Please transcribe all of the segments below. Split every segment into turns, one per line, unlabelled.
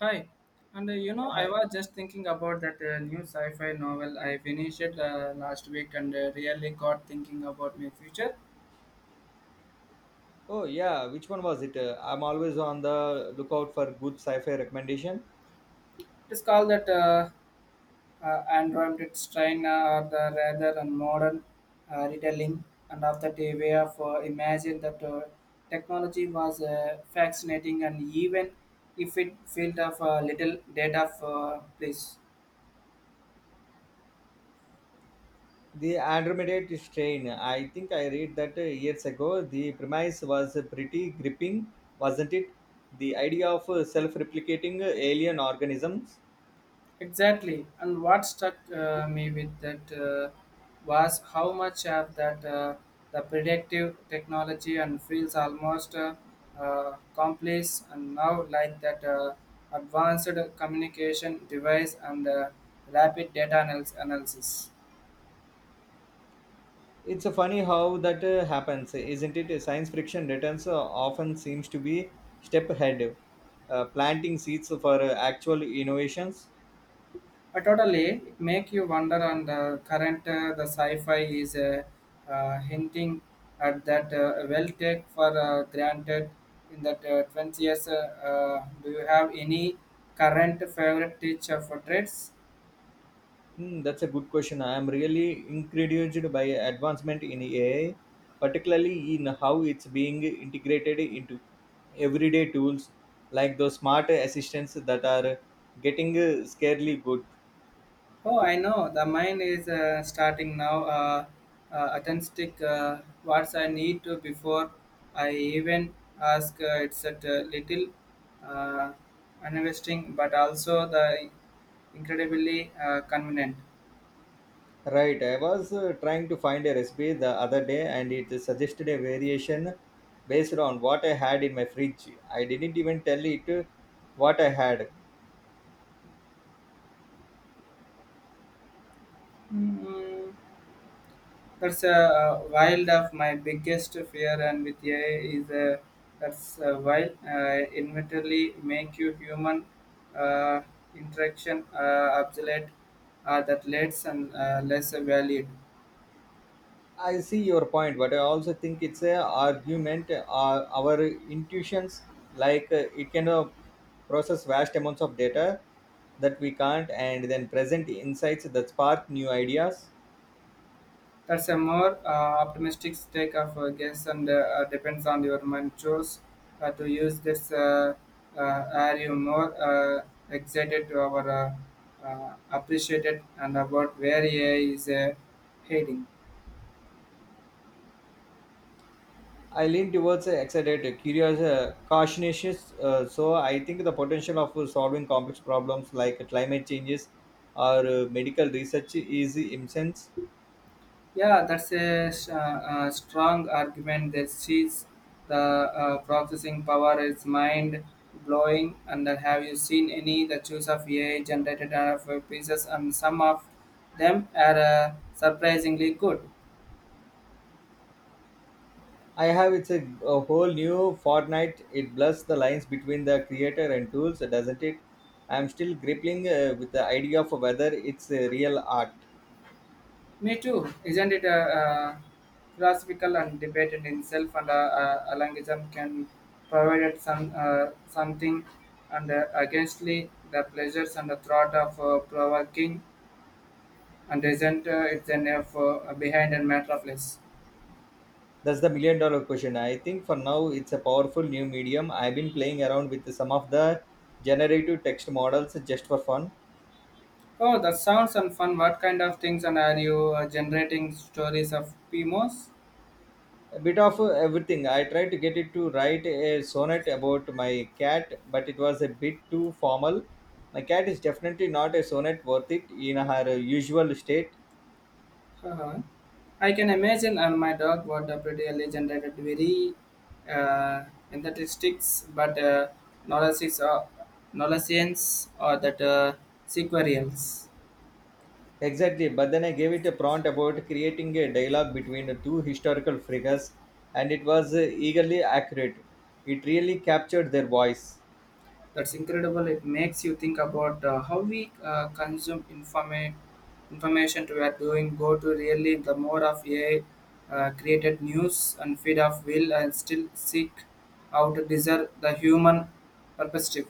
Hi, I
Hi.
was just thinking about that new sci fi novel I finished it last week and really got thinking about my future.
Oh yeah, which one was it? I'm always on the lookout for good sci-fi recommendation.
It's called that Android Strain or the rather and modern retelling, and after the way of imagine that technology was fascinating and even if it filled of a little data of place.
The Andromeda Strain. I think I read that years ago. The premise was pretty gripping, wasn't it? The idea of self-replicating alien organisms.
Exactly. And what struck me with that was how much of that the predictive technology and feels almost complex and now like that advanced communication device and rapid data analysis.
It's funny how that happens, isn't it? Science fiction returns often seems to be step ahead, planting seeds for actual innovations.
But totally, it make you wonder on the current the sci-fi is hinting at that well take for granted in that 20 years. Do you have any current favorite teacher for trades?
That's a good question. I am really encouraged by advancement in AI, particularly in how it's being integrated into everyday tools like those smart assistants that are getting scarily good.
Oh, I know. The mind is starting now. Authentic. What I need to before I even ask. It's a little uh, uninvesting, but also the incredibly convenient.
Right, I was trying to find a recipe the other day and it suggested a variation based on what I had in my fridge. I didn't even tell it what I had.
Mm. That's wild of my biggest fear, and with AI is that's wild. Inventarily make you human uh, interaction obsolete that leads and less valued.
I see your point, but I also think it's a argument. Our intuitions, like it can process vast amounts of data that we can't, and then present insights that spark new ideas.
That's a more optimistic take of guess and depends on your mind choice to use this. Are you more excited to our appreciated and about where AI is heading?
I lean towards excited, curious, cautious. So I think the potential of solving complex problems like climate changes or medical research is immense.
Yeah, that's a strong argument that sees the processing power is mind blowing. And then have you seen any the choice of AI generated out of pieces? And some of them are surprisingly good.
I have it's a whole new Fortnite. It blurs the lines between the creator and tools, doesn't it? I'm still grappling with the idea of whether it's a real art.
Me too. Isn't it philosophical and debated in self and a languism can provide some something and againstly the pleasures and the thought of provoking and isn't it's an F behind and metropolis.
That's the $1 million question. I think for now it's a powerful new medium. I've been playing around with some of the generative text models just for fun.
Oh, that sounds and fun. What kind of things and are you generating stories of PMOs?
A bit of everything. I tried to get it to write a sonnet about my cat, but it was a bit too formal. My cat is definitely not a sonnet worth it in her usual state.
Uh-huh. I can imagine and my dog what a pretty early generated very uh, statistics, but knowledge is knowledge science or that sequarials.
Exactly, but then I gave it a prompt about creating a dialogue between the two historical figures, and it was eagerly accurate. It really captured their voice.
That's incredible. It makes you think about how we consume information we are doing. Go to really the more of AI created news and feed of will and still seek out to deserve the human perspective.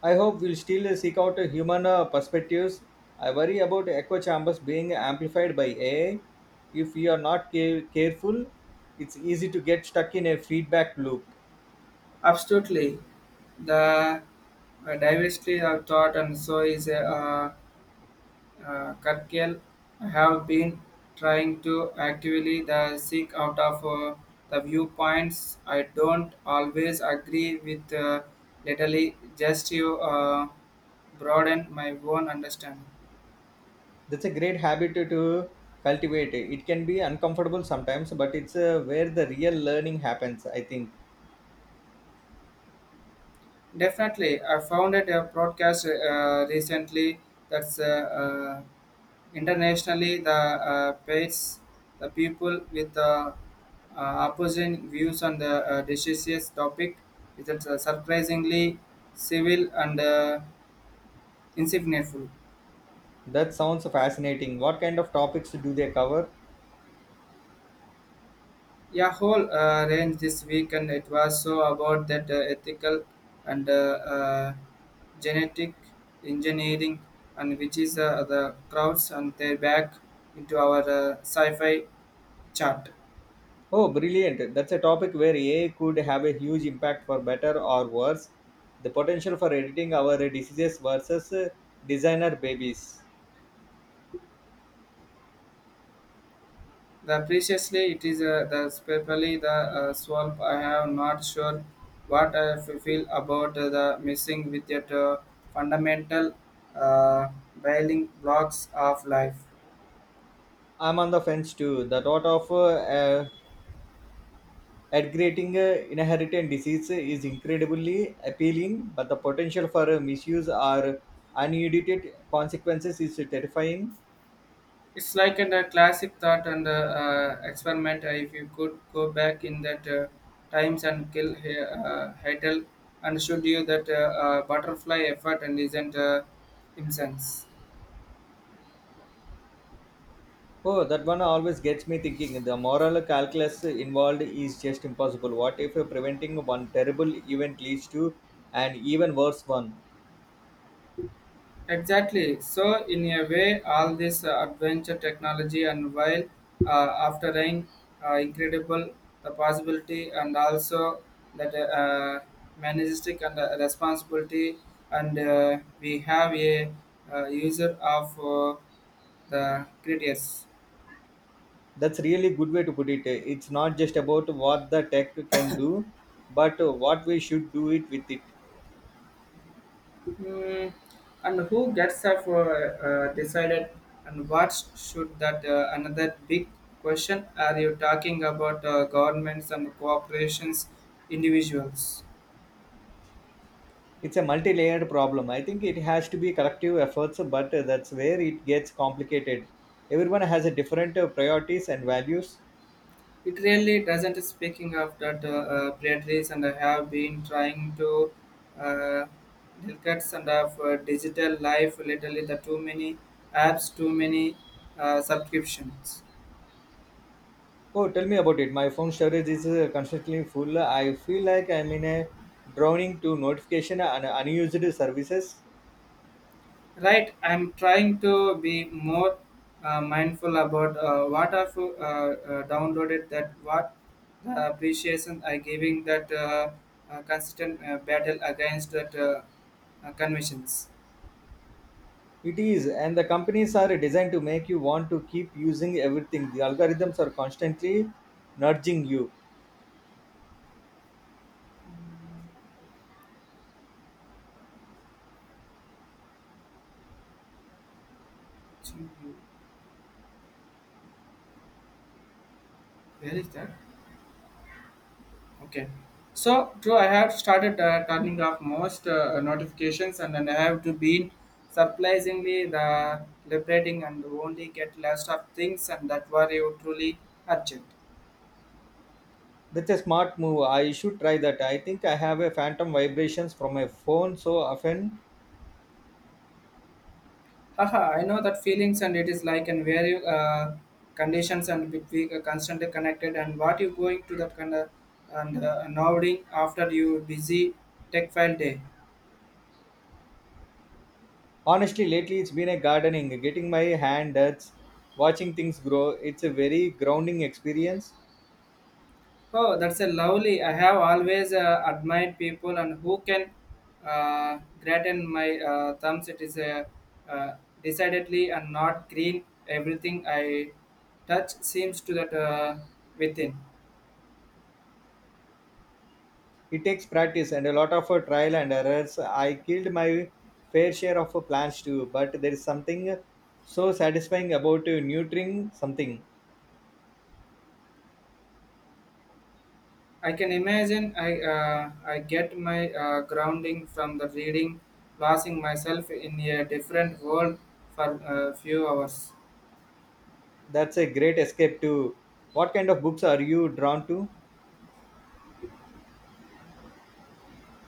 I hope we'll still seek out human perspectives. I worry about echo chambers being amplified by AI. If you are not careful, it's easy to get stuck in a feedback loop.
Absolutely, the diversity of thought and so is Kurkel have been trying to actively the seek out of the viewpoints. I don't always agree with literally just you broaden my own understanding.
That's a great habit to cultivate. It can be uncomfortable sometimes, but it's where the real learning happens, I think.
Definitely, I found it a broadcast recently that's internationally the pace the people with the opposing views on the decisions topic is that, surprisingly civil and insignificant.
That sounds fascinating. What kind of topics do they cover?
Yeah, whole range this weekend. It was so about that ethical and genetic engineering, and which is the crowds and they're back into our sci-fi chart.
Oh, brilliant. That's a topic where AI could have a huge impact for better or worse. The potential for editing our diseases versus designer babies.
The preciously it is the especially the swamp. I am not sure what I feel about the missing with that fundamental uh, building blocks of life.
I'm on the fence too. The thought of uh, aggregating inherited disease is incredibly appealing, but the potential for misuse or unedited consequences is terrifying.
It's like in a classic thought and experiment if you could go back in that times and kill Heidel and showed you that butterfly effort and isn't incense.
Oh, that one always gets me thinking. The moral calculus involved is just impossible. What if preventing one terrible event leads to an even worse one?
Exactly. So, in a way, all this adventure technology and while after rain, incredible the possibility and also that majestic and responsibility and we have a user of the creators.
That's really good way to put it. It's not just about what the tech can do, but what we should do it with it.
Hmm. And who gets up decided and what should that another big question are you talking about governments and corporations individuals
It's a multi-layered problem. I think it has to be collective efforts, but that's where it gets complicated. Everyone has a different priorities and values.
it really doesn't speaking of that predators and I have been trying to uh, delicate and of digital life literally the too many apps, too many subscriptions.
Oh, tell me about it. My phone storage is constantly full. I feel like I'm in a drowning to notification and unused services.
Right, I'm trying to be more mindful about what I've downloaded, that what the appreciation I giving that consistent battle against that conventions.
It is, and the companies are designed to make you want to keep using everything. The algorithms are constantly nudging you.
Actually, you- Where is that? Okay. So true, I have started turning off most notifications, and then I have to be surprisingly the liberating and only get last of things and that were you truly urgent.
That's a smart move. I should try that. I think I have a phantom vibrations from my phone so often.
Haha, I know that feelings and it is like in various conditions and with we are constantly connected and what you going to that kind of and nodding after you busy tech file day.
Honestly, lately it's been a gardening, getting my hand dirty, watching things grow. It's a very grounding experience.
Oh, that's a lovely. I have always admired people and who can gratin my thumbs. It is a uh, decidedly and not green. Everything I touch seems to that within.
It takes practice and a lot of trial and errors. I killed my fair share of plants too, but there is something so satisfying about nurturing something.
I can imagine I get my grounding from the reading, losing myself in a different world for a few hours.
That's a great escape too. What kind of books are you drawn to?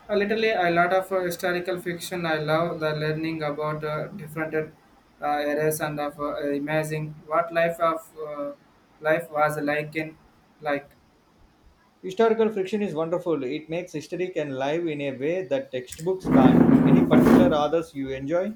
Literally, a lot of historical fiction. I love the learning about different eras and of imagining what life was like in like.
Historical fiction is wonderful. It makes history can live in a way that textbooks can't. Any particular authors you enjoy?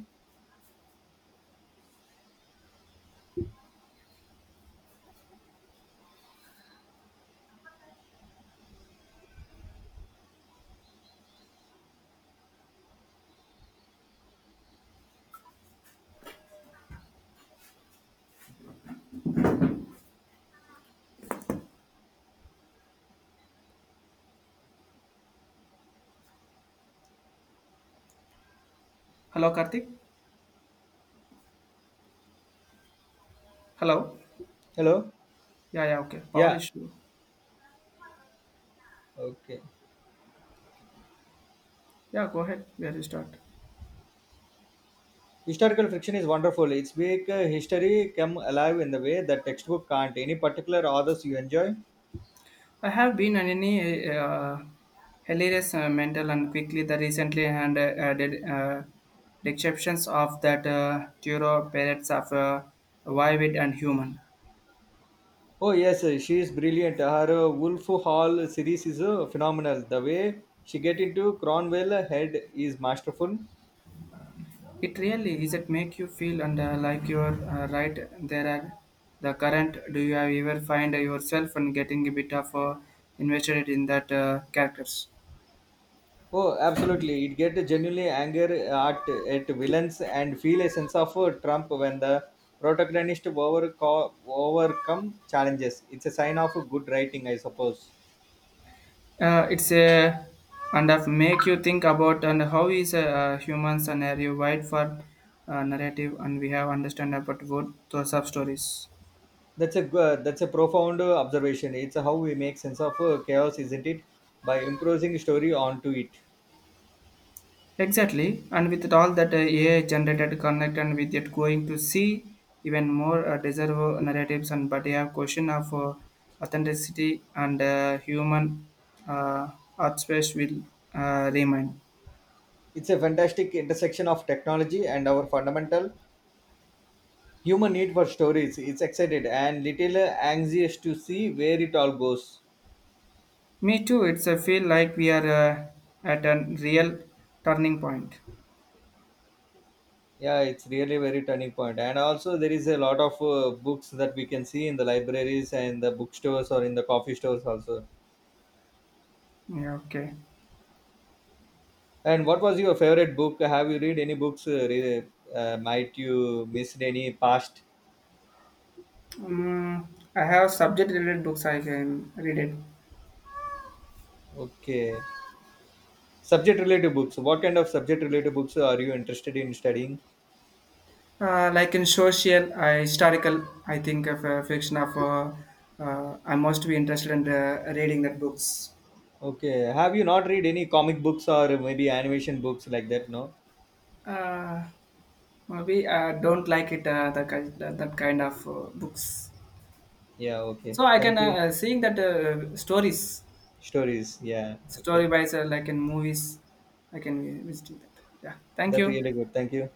Hello, Karthik. Hello.
Hello?
Yeah, yeah. Okay. Power
Yeah,
issue.
okay.
Yeah, go ahead. Where you start?
Historical fiction is wonderful. It's make history come alive in the way that textbook can't. Any particular authors you enjoy?
I have been on any hilarious mental and quickly the recently and added descriptions of that Turo parrots of vivid and human.
Oh yes, she is brilliant. Her Wolf Hall series is phenomenal. The way she get into Cromwell head is masterful.
It really is it make you feel and like you are right there are the current. Do you ever find yourself and getting a bit of invested in that characters?
Oh, absolutely! It get genuinely anger at villains and feel a sense of Trump when the overcome challenges. It's a sign of good writing, I suppose.
It's a and of make you think about and how is humans and are you wide for narrative and we have understand about what those sub stories
That's a profound observation. It's how we make sense of chaos, isn't it? By imposing story onto it.
exactly and with all that AI generated connect and with it going to see even more deserve narratives and but you have question of authenticity and human uh, art space will remain.
It's a fantastic intersection of technology and our fundamental human need for stories. It's excited and little anxious to see where it all goes.
Me too. It's a feel like we are at a real turning point.
Yeah, it's really very turning point. And also, there is a lot of books that we can see in the libraries and the bookstores or in the coffee stores also.
Yeah, okay.
And what was your favorite book? Have you read any books? Might you missed any past?
Mm, I have subject related books I can read it.
Okay, subject related books. What kind of subject related books are you interested in studying?
Like in social, I historical, I think of fiction of, I must be interested in reading that books.
Okay. Have you not read any comic books or maybe animation books like that? No.
Uh, Maybe I don't like it, that kind of books.
Yeah. Okay.
So I can,
Thank you.
seeing that stories,
Stories. Yeah.
story
Okay.
wise, like in movies, I can be visiting that. Yeah, thank
That
you.
really good. Thank you.